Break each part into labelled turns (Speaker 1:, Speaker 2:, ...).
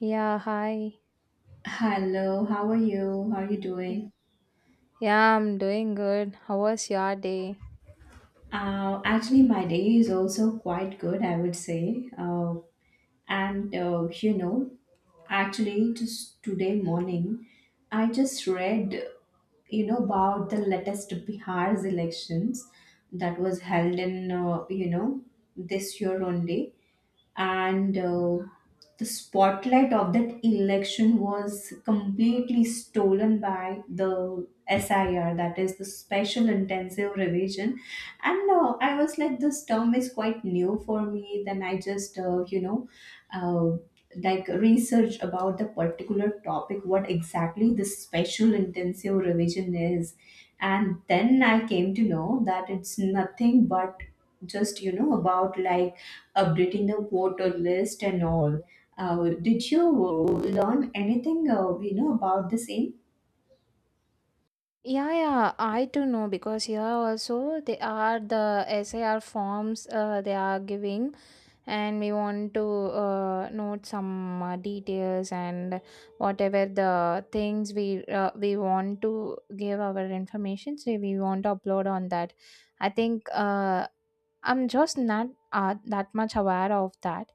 Speaker 1: Yeah, hi.
Speaker 2: Hello, how are you? How are you
Speaker 1: Y-
Speaker 2: doing?
Speaker 1: Yeah, I'm doing good. How was your day?
Speaker 2: Actually, my day is also quite good, I would say. And actually, just today morning, I just read, about the latest Bihar's elections that was held in, this year only. And the spotlight of that election was completely stolen by the SIR, that is the Special Intensive Revision. And I was like, this term is quite new for me. Then I just, uh, like, research about the particular topic, what exactly the Special Intensive Revision is. And then I came to know that it's nothing but just, about, like, updating the voter list and all. Did you learn anything, about the same?
Speaker 1: Yeah, yeah, I do know because here also they are the SIR forms they are giving, and we want to note some details and whatever the things we we want to give our information, so we want to upload on that. I think I'm just not that much aware of that.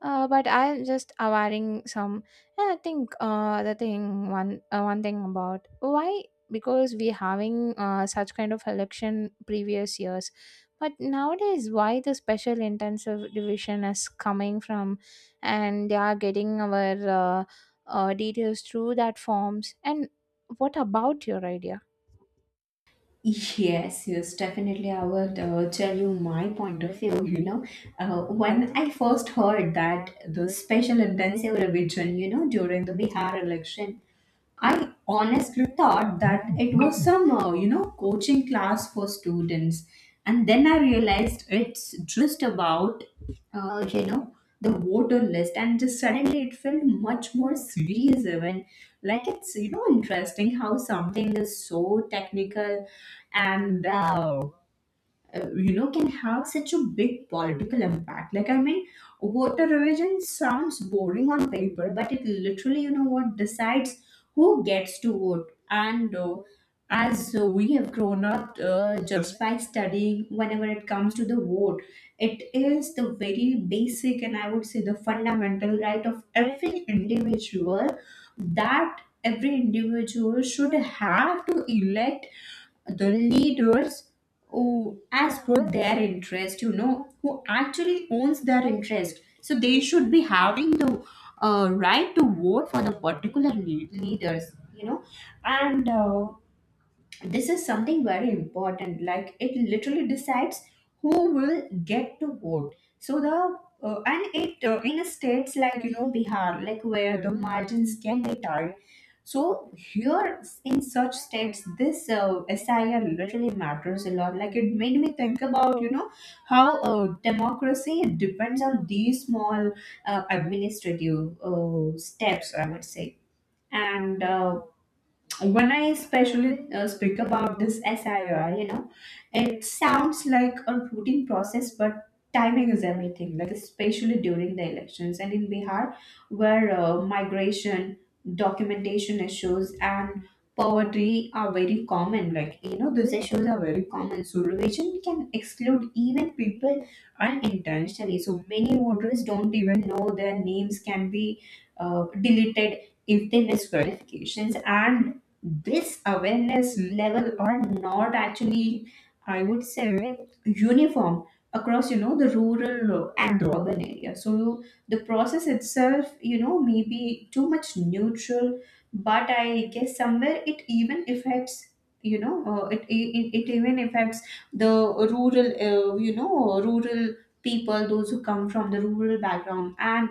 Speaker 1: But I'm just awareing some. And I think the thing one thing about why, because we having such kind of election previous years, but nowadays why the special intensive division is coming from, and they are getting our details through that forms and what about your idea?
Speaker 2: Yes, yes, definitely. I will tell you my point of view. When I first heard that the special intensive revision, during the Bihar election, I honestly thought that it was some, coaching class for students. And then I realized it's just about, uh, you know, the voter list. And just suddenly it felt much more serious, even. Like it's, interesting how something is so technical, and you know, can have such a big political impact. Like, I mean, voter revision sounds boring on paper, but it literally, you know, what decides who gets to vote. And as we have grown up, just by studying, whenever it comes to the vote, it is the very basic, and I would say the fundamental right of every individual, that every individual should have to elect the leaders who, as per their interest, who actually owns their interest. So they should be having the right to vote for the particular leaders, and. This is something very important. Like, it literally decides who will get to vote. So the and it in states like, you know, Bihar, like, where the margins can be tight. So here, in such states, this SIR literally matters a lot. Like, it made me think about, you know, how democracy depends on these small administrative steps, I would say. And when I especially speak about this SIR, it sounds like a routine process, but timing is everything, like, especially during the elections. And in Bihar, where migration, documentation issues, and poverty are very common. Like, these issues are very common. So, religion can exclude even people unintentionally. So, many voters don't even know their names can be deleted if they miss qualifications. And this awareness level are not actually, I would say, uniform across, you know, the rural and urban area. So the process itself, you know, may be too much neutral, but I guess somewhere it even affects, it even affects the rural, rural people, those who come from the rural background, and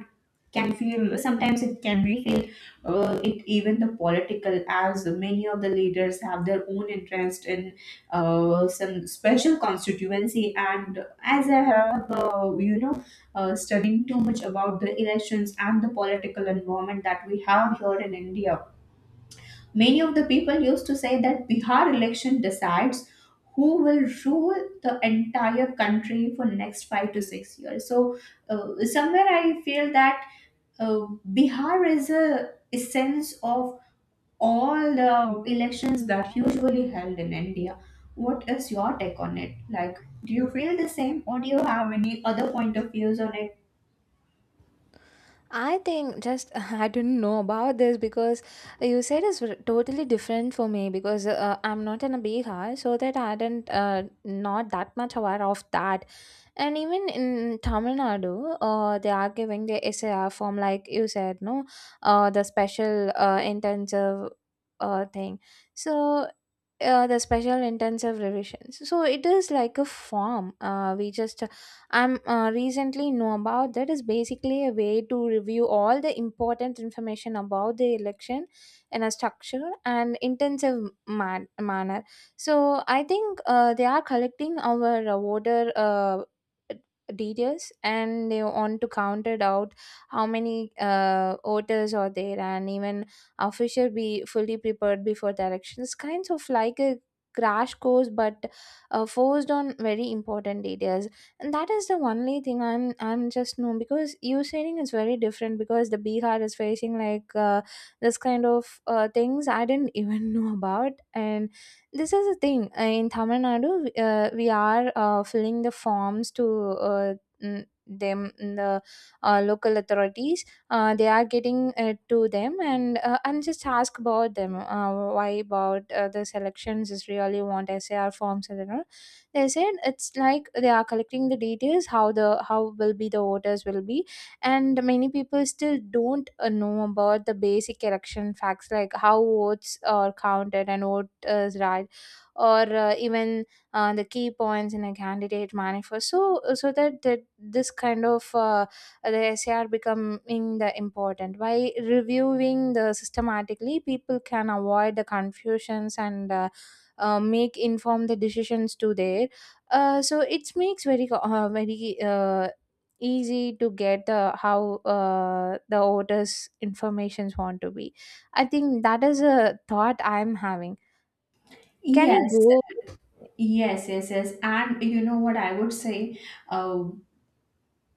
Speaker 2: can feel sometimes it can be it, even the political, as many of the leaders have their own interest in some special constituency. And as I have, studying too much about the elections and the political environment that we have here in India, many of the people used to say that Bihar election decides who will rule the entire country for next 5 to 6 years. So uh, somewhere I feel that uh, Bihar is a sense of all the elections that usually held in India. What is your take on it? Like, do you feel the same, or do you have any other point of views on it?
Speaker 1: I think just I didn't know about this because you said it's totally different for me because I'm not in a Bihar, so that I didn't not that much aware of that. And even in Tamil Nadu, they are giving the SAR form like you said, no, the special intensive thing. So the special intensive revisions, so it is like a form we just I'm recently know about, that is basically a way to review all the important information about the election in a structured and intensive manner. So I think they are collecting our voter details and they want to count it out how many voters are there, and even officer be fully prepared before their actions, kinds of like a crash course, but forced on very important details. And that is the only thing I'm just know, because you saying is very different because the Bihar is facing like this kind of things I didn't even know about. And this is the thing. In Tamil Nadu we are filling the forms to uh, mm, them in the local authorities. They are getting to them and and just ask about them why about the selections is really want SAR forms and all. They said it's like they are collecting the details how the how will be the voters will be. And many people still don't know about the basic election facts like how votes are counted and what is right, or even the key points in a candidate manifest, so so that, that this kind of the SAR becoming the important. By reviewing the systematically, people can avoid the confusions and make informed the decisions to there. So it makes very very easy to get the how the voters' informations want to be. I think that is a thought I'm having. Can you
Speaker 2: Yes,
Speaker 1: go?
Speaker 2: yes, yes, yes. And you know what I would say? Uh,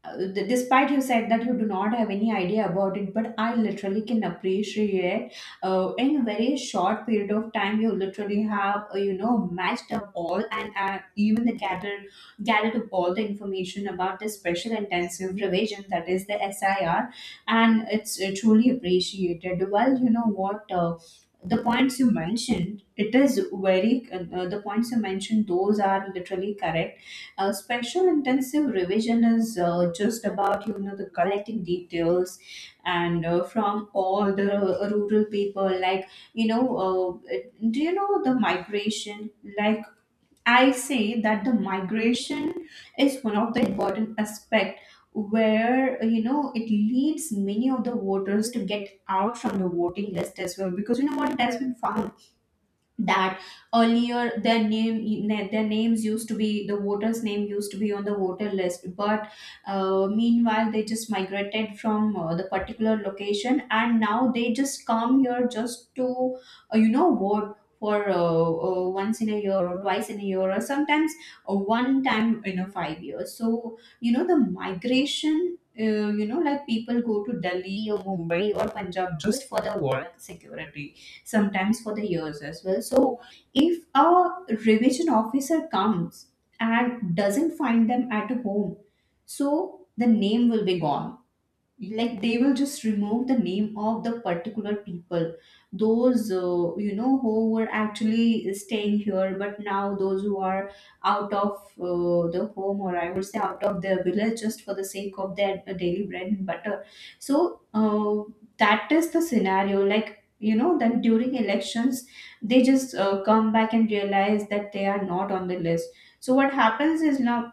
Speaker 2: Despite you said that you do not have any idea about it, but I literally can appreciate, in a very short period of time, you literally have, matched up all, and even the gathered up all the information about the special intensive revision, that is the SIR. And it's truly appreciated. Well, you know what, the points you mentioned, it is very the points you mentioned, those are literally correct. A special intensive revision is just about, you know, the collecting details. And from all the rural people, like, you know uh, do you know the migration, like, I say that the migration is one of the important aspect, where, you know, it leads many of the voters to get out from the voting list as well. Because you know what, it has been found that earlier their name, their names used to be, the voters name used to be on the voter list. But meanwhile, they just migrated from the particular location. And now they just come here just to, vote for, once in a year or twice in a year, or sometimes one time in a 5 years. So, you know, the migration, like, people go to Delhi or Mumbai or Punjab just for the work security, sometimes for the years as well. So, if a revision officer comes and doesn't find them at home, so the name will be gone. Like, they will just remove the name of the particular people, those, who were actually staying here, but now those who are out of the home, or I would say out of their village, just for the sake of their daily bread and butter. So that is the scenario, like, you know, that during elections they just come back and realize that they are not on the list. So what happens is now,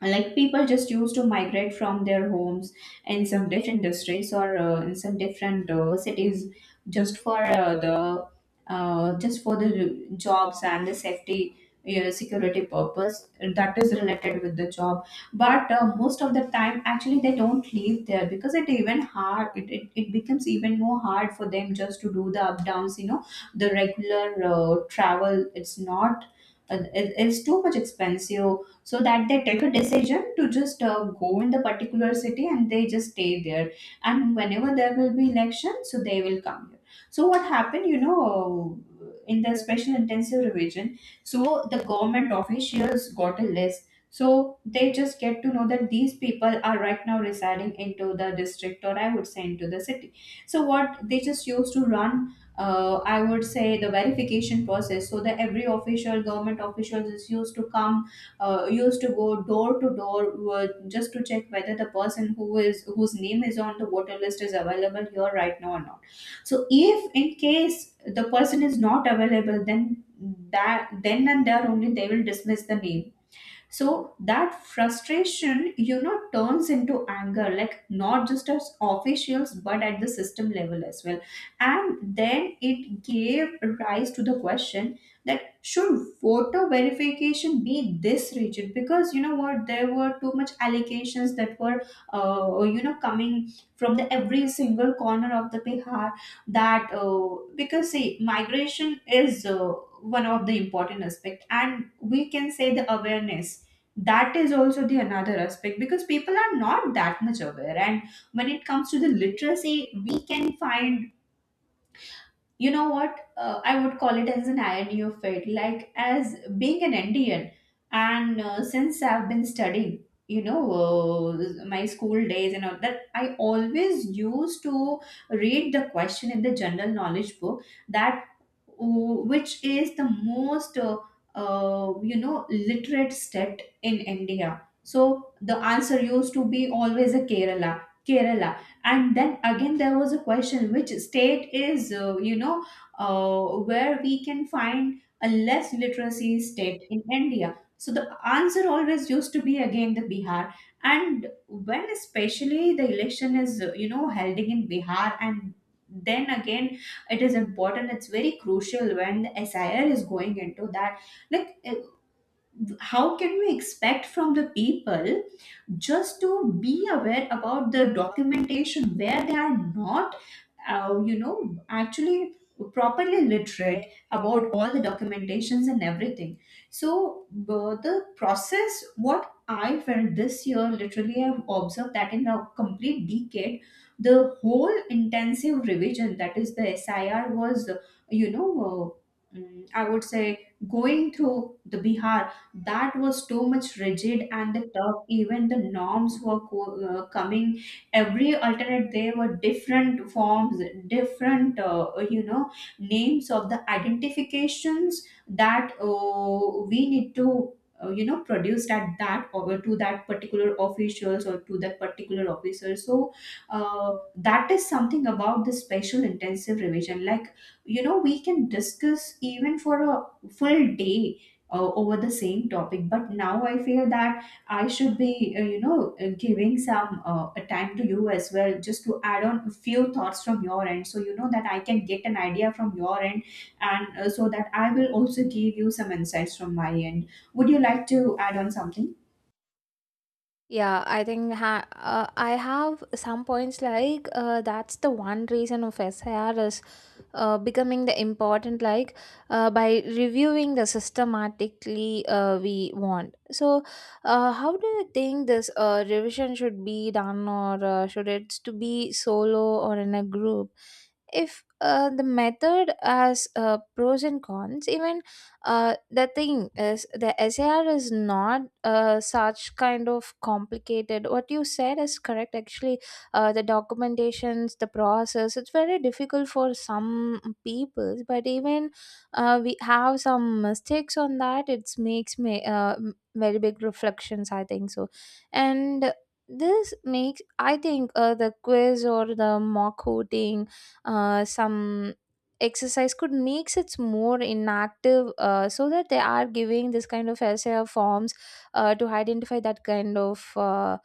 Speaker 2: like, people just used to migrate from their homes in some different districts, or in some different cities, just for the just for the jobs and the safety, security purpose, that is related with the job. But most of the time, actually, they don't leave there, because it even hard, it becomes even more hard for them, just to do the up downs, you know, the regular travel. It's not it's too much expensive. So that they take a decision to just go in the particular city, and they just stay there. And whenever there will be election, so they will come here. So what happened, you know, in the special intensive revision, so the government officials got a list. So they just get to know that these people are right now residing into the district, or I would say into the city. So what they just used to run, I would say, the verification process. So that every official government official is used to come, used to go door to door, just to check whether the person, who is, whose name is on the voter list, is available here right now or not. So, if in case the person is not available, then that, then and there only they will dismiss the name. So that frustration, you know, turns into anger, like, not just as officials but at the system level as well. And then it gave rise to the question, that should voter verification be this rigid. Because you know what, there were too much allegations that were, coming from the every single corner of the Bihar. That because, see, migration is, one of the important aspect, and we can say the awareness, that is also the another aspect, because people are not that much aware. And when it comes to the literacy, we can find, you know what, I would call it as an irony of fate. Like, as being an Indian, and since I've been studying, my school days and all, that I always used to read the question in the general knowledge book, that which is the most you know, literate state in India. So the answer used to be always a Kerala. Kerala. And then again, there was a question, which state is, where we can find a less literacy state in India. So the answer always used to be again the Bihar. And when especially the election is, held in Bihar, and then again, it is important, it's very crucial, when the SIR is going into that. Like, how can we expect from the people just to be aware about the documentation, where they are not, actually properly literate about all the documentations and everything. So the process, what I felt this year, literally, I've observed that in a complete decade, the whole intensive revision, that is the SIR, was, you know, I would say going through the Bihar, that was too much rigid and the tough. Even the norms were coming every alternate, there were different forms, different names of the identifications that we need to produce at that or to that particular officials or to that particular officer. So that is something about the special intensive revision, like, you know, we can discuss even for a full day over the same topic, but now I feel that I should be, giving some a time to you as well, just to add on a few thoughts from your end, so you know that I can get an idea from your end, and so that I will also give you some insights from my end. Would you like to add on something?
Speaker 1: Yeah, I think I have some points like that's the one reason of SIR is becoming the important, like by reviewing the systematically we want. So, how do you think this revision should be done, or should it to be solo or in a group? If the method has pros and cons, even the thing is the SAR is not such kind of complicated. What you said is correct. Actually, the documentations, the process, it's very difficult for some people. But even we have some mistakes on that. It makes me very big reflections, I think so, and. This makes I think the quiz or the mock coding, some exercise could makes it more inactive, so that they are giving this kind of essay forms to identify that kind of uh,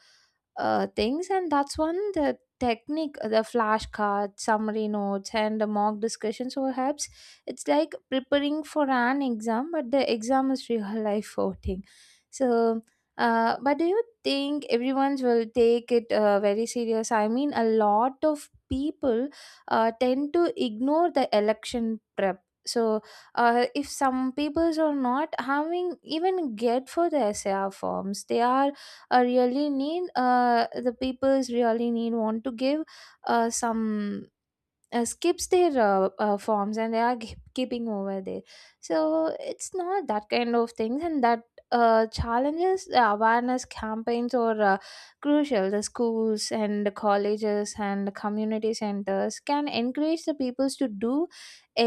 Speaker 1: uh, things. And that's one the technique, the flashcard summary notes and the mock discussion so helps. It's like preparing for an exam, but the exam is real life voting. So but do you think everyone will take it very serious? I mean, a lot of people tend to ignore the election prep. So if some peoples are not having even get for the SAR forms, they are really need, the peoples really need want to give some skips their forms and they are keeping over there. So it's not that kind of things. And that challenges, the awareness campaigns are crucial. The schools and the colleges and the community centers can encourage the peoples to do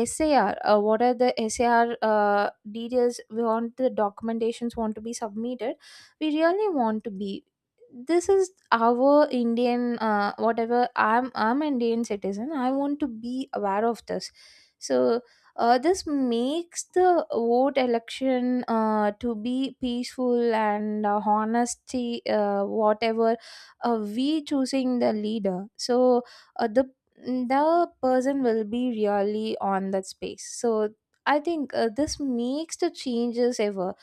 Speaker 1: SAR, what are the SAR details we want, the documentations want to be submitted, we really want to be. This is our Indian, whatever, I'm Indian citizen, I want to be aware of this. So this makes the vote election to be peaceful and honesty, whatever we choosing the leader. So uh, the the person will be really on that space. So I think this makes the changes ever.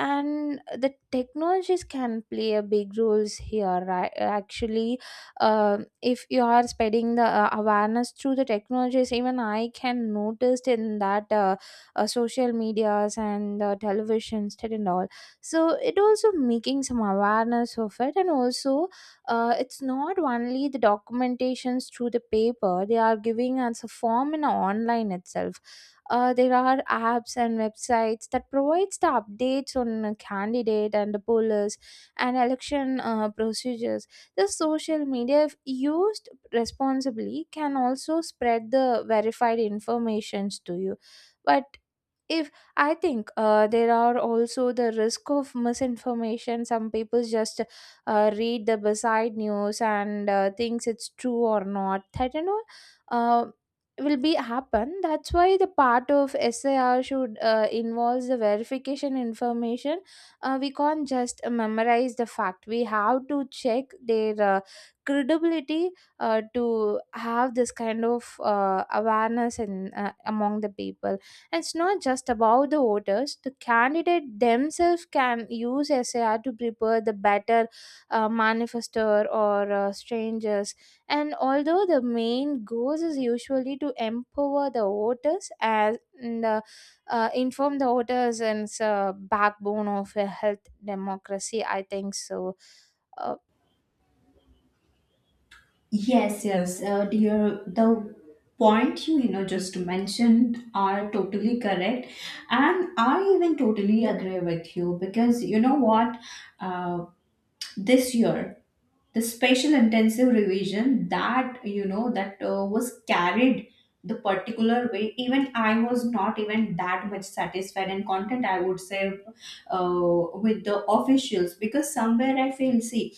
Speaker 1: And the technologies can play a big roles here, right? Actually if you are spreading the awareness through the technologies, even I can notice in that social medias and televisions and all. So it also making some awareness of it. And also it's not only the documentations through the paper, they are giving us a form in online itself. There are apps and websites that provides the updates on a candidate and the pollers and election procedures. The social media, if used responsibly, can also spread the verified informations to you. But if I think there are also the risk of misinformation. Some people just read the beside news and thinks it's true or not, that you know uh, will be happen. That's why the part of SAR should involves the verification information. We can't just memorize the fact, we have to check their credibility to have this kind of awareness in among the people. And it's not just about the voters, the candidate themselves can use SAR to prepare the better manifestor or strangers. And although the main goals is usually to empower the voters as and, inform the voters, and it's backbone of a health democracy, I think so. Uh,
Speaker 2: Yes, yes, dear. The point you just mentioned are totally correct, and I even totally agree with you, because you know what. Uh, this year the special intensive revision that was carried the particular way, even I was not even that much satisfied and content, I would say, with the officials, because somewhere I feel, see,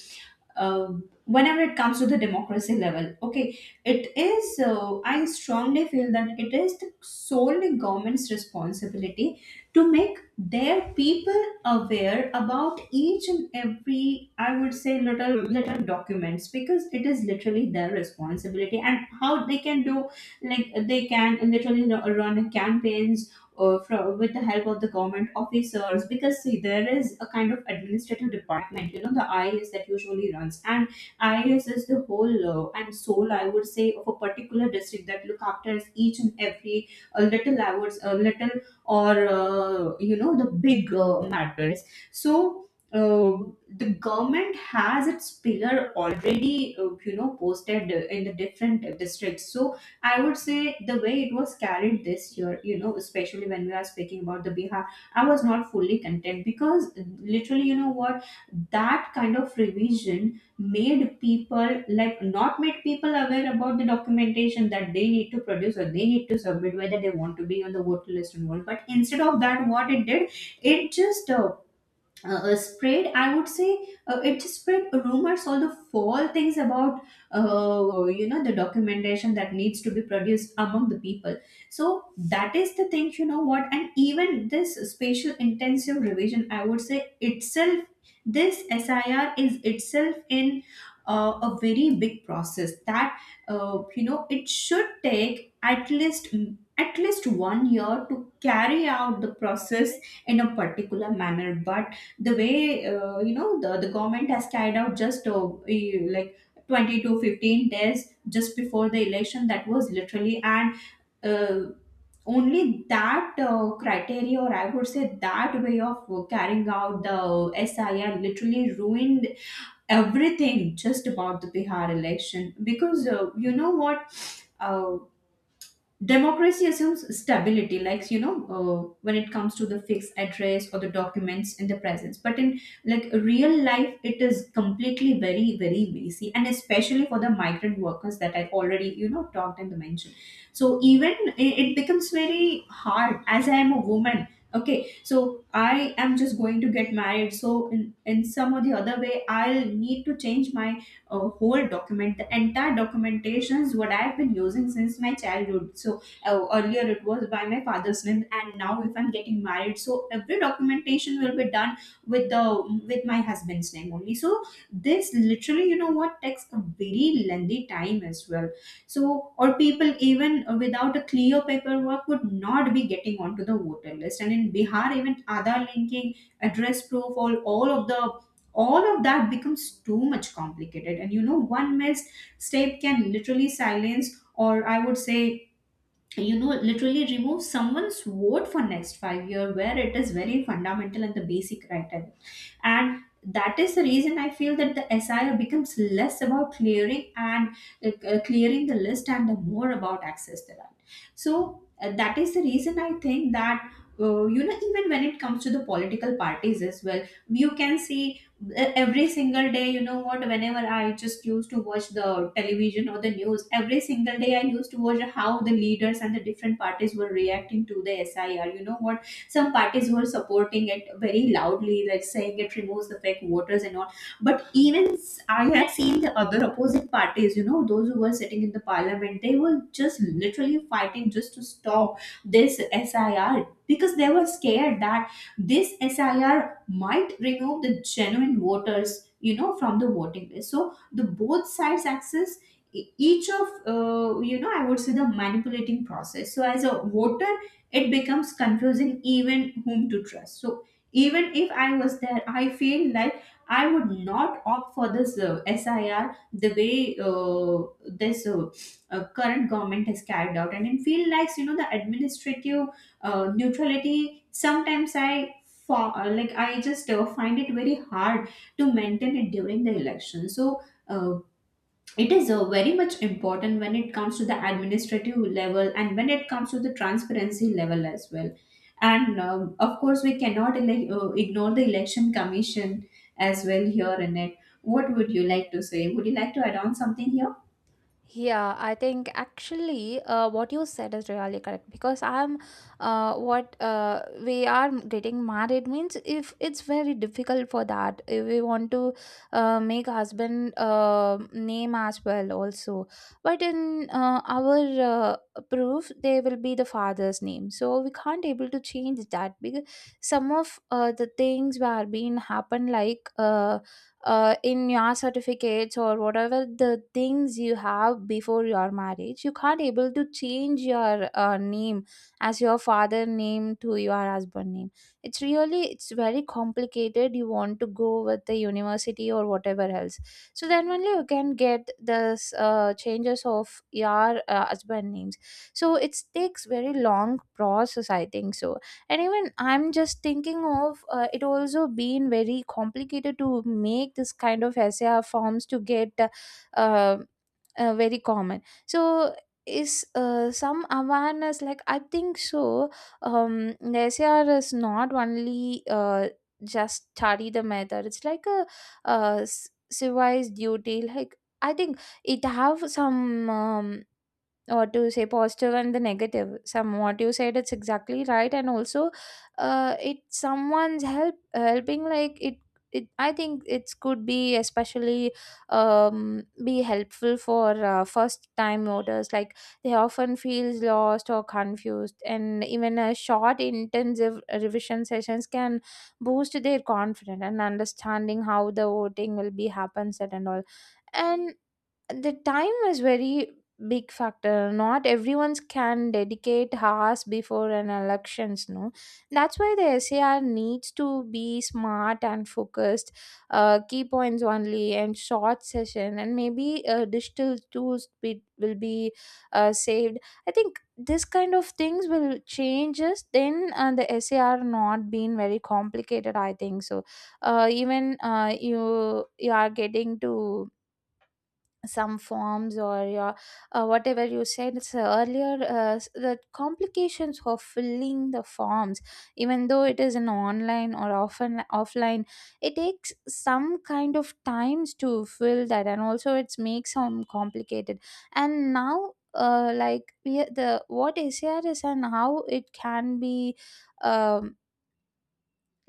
Speaker 2: uh, whenever it comes to the democracy level, okay, it is, I strongly feel that it is the solely government's responsibility to make their people aware about each and every, I would say, little little documents, because it is literally their responsibility. And how they can do, like, they can literally, you know, run campaigns with the help of the government officers, because see there is a kind of administrative department, you know, the IAS that usually runs. And IAS is the whole, and soul, I would say, of a particular district, that look after each and every little I would little or the big matters. So the government has its pillar already posted in the different districts. So I would say the way it was carried this year, you know, especially when we are speaking about the Bihar, I was not fully content, because literally, you know what, that kind of revision made people, like, not made people aware about the documentation that they need to produce or they need to submit, whether they want to be on the voter list or not. But instead of that, what it did, it just spread, I would say, it spread rumors, all the false things about the documentation that needs to be produced among the people. So that is the thing, you know what, and even this spatial intensive revision, I would say itself, this sir is itself in a very big process, that it should take at least one year to carry out the process in a particular manner. But the way the government has carried out just like 20 to 15 days just before the election, that was literally, and uh, only that criteria, or, I would say, that way of carrying out the sir literally ruined everything just about the bihar election. Because you know what, uh, democracy assumes stability, like, you know, when it comes to the fixed address or the documents in the presence, but in, like, real life, it is completely very very messy, and especially for the migrant workers, that I already, you know, talked and mentioned. So even it becomes very hard, as I am a woman, okay, so I am just going to get married, so in some or the other way, I'll need to change my a whole document. The entire documentation is what I've been using since my childhood. So earlier it was by my father's name, and now if I'm getting married, so every documentation will be done with the with my husband's name only. So this literally, you know what, takes a very lengthy time as well. So or people even without a clear paperwork would not be getting onto the voter list. And in bihar, even aadhaar linking, address proof, all of that becomes too much complicated. And you know, one missed step can literally silence, or, I would say, you know, literally remove someone's vote for next 5 year, where it is very fundamental and the basic right. And that is the reason I feel that the sio becomes less about clearing and clearing the list, and the more about access the right. So that is the reason I think that even when it comes to the political parties as well, you can see every single day, you know what, whenever I just used to watch the television or the news, every single day I used to watch how the leaders and the different parties were reacting to the sir, you know what. Some parties were supporting it very loudly, like saying it removes the fake voters and all. But even I had seen the other opposite parties, you know, those who were sitting in the parliament, they were just literally fighting just to stop this SIR, because they were scared that this SIR might remove the genuine voters, you know, from the voting list. So the both sides access e- each of you know I would say the manipulating process. So as a voter, it becomes confusing even whom to trust. So even if I was there, I feel like I would not opt for this sir, the way this current government has carried out. And it feel like, you know, the administrative neutrality sometimes I like, I just find it very hard to maintain it during the election. So uh, it is very much important when it comes to the administrative level and when it comes to the transparency level as well. And of course, we cannot ignore the election commission as well here in it. What would you like to add on something here?
Speaker 1: Yeah, I think actually what you said is really correct, because I'm, what we are getting married means, if it's very difficult for that, if we want to make husband name as well also, but in our proof there will be the father's name, so we can't able to change that, because some of the things were being happen like in your certificates or whatever the things you have before your marriage, you can't able to change your name as your father name to your husband name. It's really, it's very complicated, you want to go with the university or whatever else, so then only you can get this changes of your husband names. So it takes very long process, I think so. And even I'm just thinking of it also being very complicated to make this kind of essay forms to get uh, very common. So is some awareness, like I think so. The SAR is not only just study the method, it's like a civilized duty, like I think it have some, um, or to say, positive and the negative. Some what you said it's exactly right. And also it someone's help helping like it, I think it could be especially, be helpful for first time voters, like they often feels lost or confused, and even a short intensive revision sessions can boost their confidence and understanding how the voting will be happens at and all. And the time is very big factor. Not everyone can dedicate hours before an elections, no. That's why the SAR needs to be smart and focused. Key points only and short session, and maybe digital tools will be saved. I think this kind of things will change us, then the SAR not being very complicated, I think so. Even you are getting to some forms or your whatever you said it's earlier, the complications of filling the forms, even though it is an online or often offline, it takes some kind of times to fill that, and also it's makes some complicated. And now like we, the what ACR is and how it can be, um,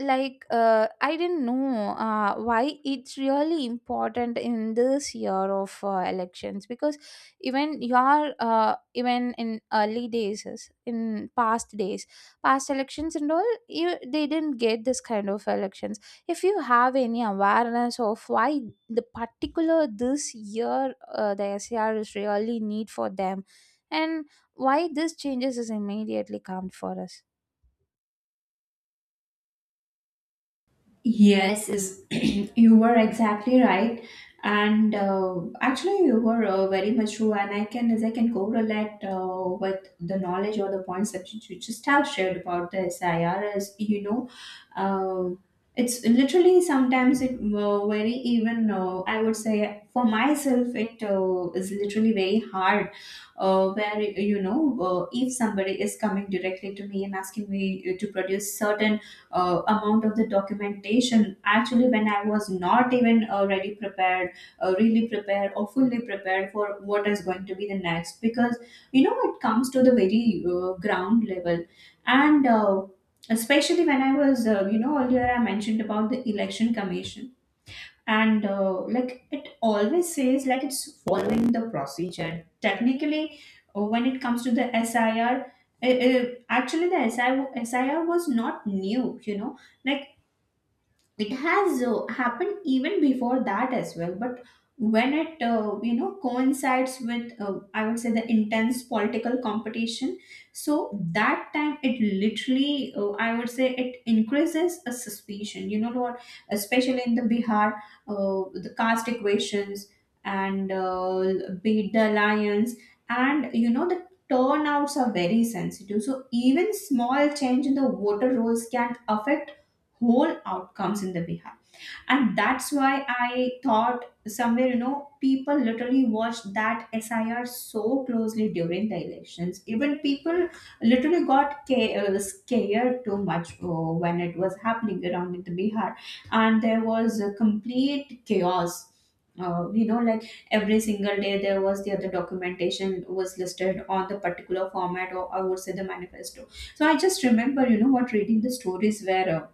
Speaker 1: like I didn't know why it's really important in this year of elections, because even your, even in early days in past days, past elections and all, you they didn't get this kind of elections. If you have any awareness of why the particular this year the SCR is really need for them, and why this changes is immediately come for us?
Speaker 2: Yes, is you were exactly right, and actually you were very much true. And I can correlate with the knowledge or the points that you just have shared about the SIRs. You know, uh, it's literally sometimes, it very even. I would say for myself, it is literally very hard. Where, you know, if somebody is coming directly to me and asking me to produce certain amount of the documentation, actually when I was not even ready prepared really prepared or fully prepared for what is going to be the next. Because, you know, it comes to the very ground level. And especially when I was, earlier, I mentioned about the election commission. And like, it always says, like, it's following the procedure technically when it comes to the sir. Actually, the SIR, SIR was not new, you know, like, it has happened even before that as well. But when it coincides with I would say the intense political competition, so that time it literally I would say it increases a suspicion, you know what, especially in the bihar, the caste equations, and be it the alliance, and, you know, the turnouts are very sensitive. So even small change in the voter rolls can affect whole outcomes in the behalf. And that's why I thought somewhere, you know, people literally watched that sir so closely during the elections. Even people literally got scared too much when it was happening around in the bihar. And there was a complete chaos, you know, like, every single day there was the other documentation was listed on the particular format, or, I would say, the manifesto. So I just remember, you know what, reading the stories where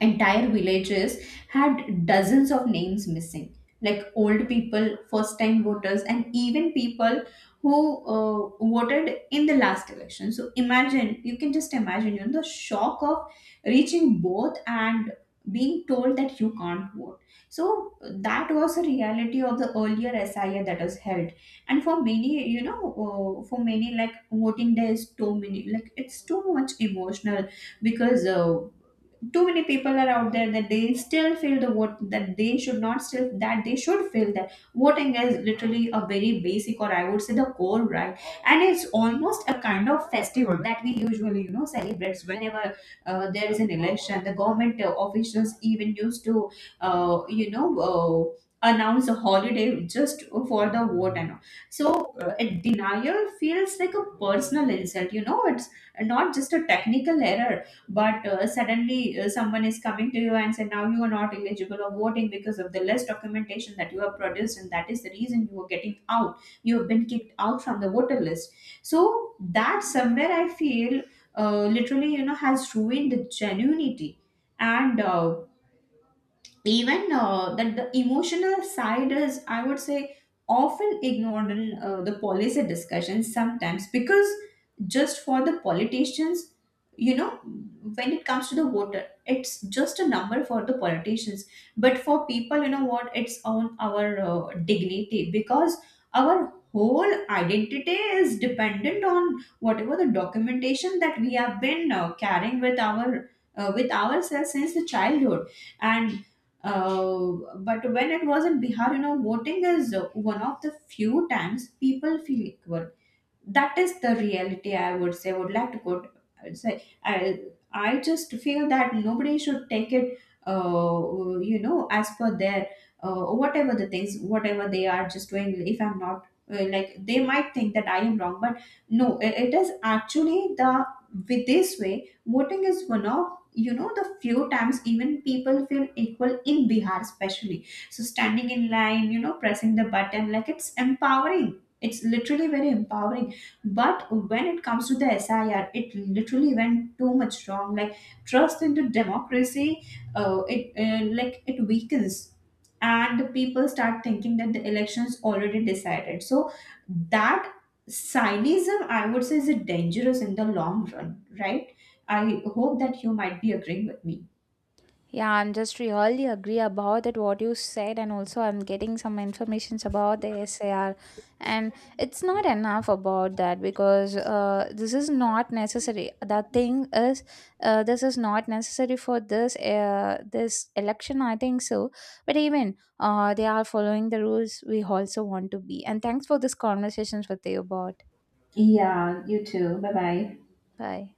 Speaker 2: entire villages had dozens of names missing, like old people, first time voters, and even people who voted in the last election. So imagine, you can just imagine, you know, the shock of reaching both and being told that you can't vote. So that was a reality of the earlier SIA that was held. And for many you know for many like, voting day is too many, like, it's too much emotional. Because too many people are out there, that they still feel the vote, that they should not, still that they should feel that voting is literally a very basic, or, I would say, the core right. And it's almost a kind of festival that we usually, you know, celebrates whenever there is an election. The government officials even used to uh, you know uh, announce a holiday just for the vote and all. So a denial feels like a personal insult, you know. It's not just a technical error, but suddenly, someone is coming to you and say, now you are not eligible of voting because of the less documentation that you have produced, and that is the reason you are getting out, you have been kicked out from the voter list. So that, somewhere, I feel literally, you know, has ruined the genuinity. And even that the emotional side is, I would say, often ignored in the policy discussions sometimes. Because just for the politicians, you know, when it comes to the voter, it's just a number for the politicians. But for people, you know what, it's on our dignity. Because our whole identity is dependent on whatever the documentation that we have been carrying with our with ourselves since the childhood. And but when it was in Bihar, you know, voting is one of the few times people feel equal, that is the reality, I would say, would like to go. I would say I just feel that nobody should take it uh, as per their whatever the things, whatever they are just doing. If I'm not like, they might think that I am wrong, but no, it is actually the, with this way, voting is one of, you know, the few times even people feel equal in bihar especially. So standing in line, you know, pressing the button, like, it's empowering. It's literally very empowering. But when it comes to the SIR, it literally went too much wrong. Like, trust into democracy, it like, it weakens, and the people start thinking that the election's already decided. So that cynism, I would say, is dangerous in the long run, right? I hope that you might be agreeing with me.
Speaker 1: Yeah, I'm just really agree about that what you said, and also I'm getting some informations about the SAR, and it's not enough about that, because this is not necessary. The thing is, this is not necessary for this this election, I think so, but even they are following the rules, we also want to be. And thanks for this conversations with you about.
Speaker 2: Yeah, you too. Bye bye.
Speaker 1: Bye.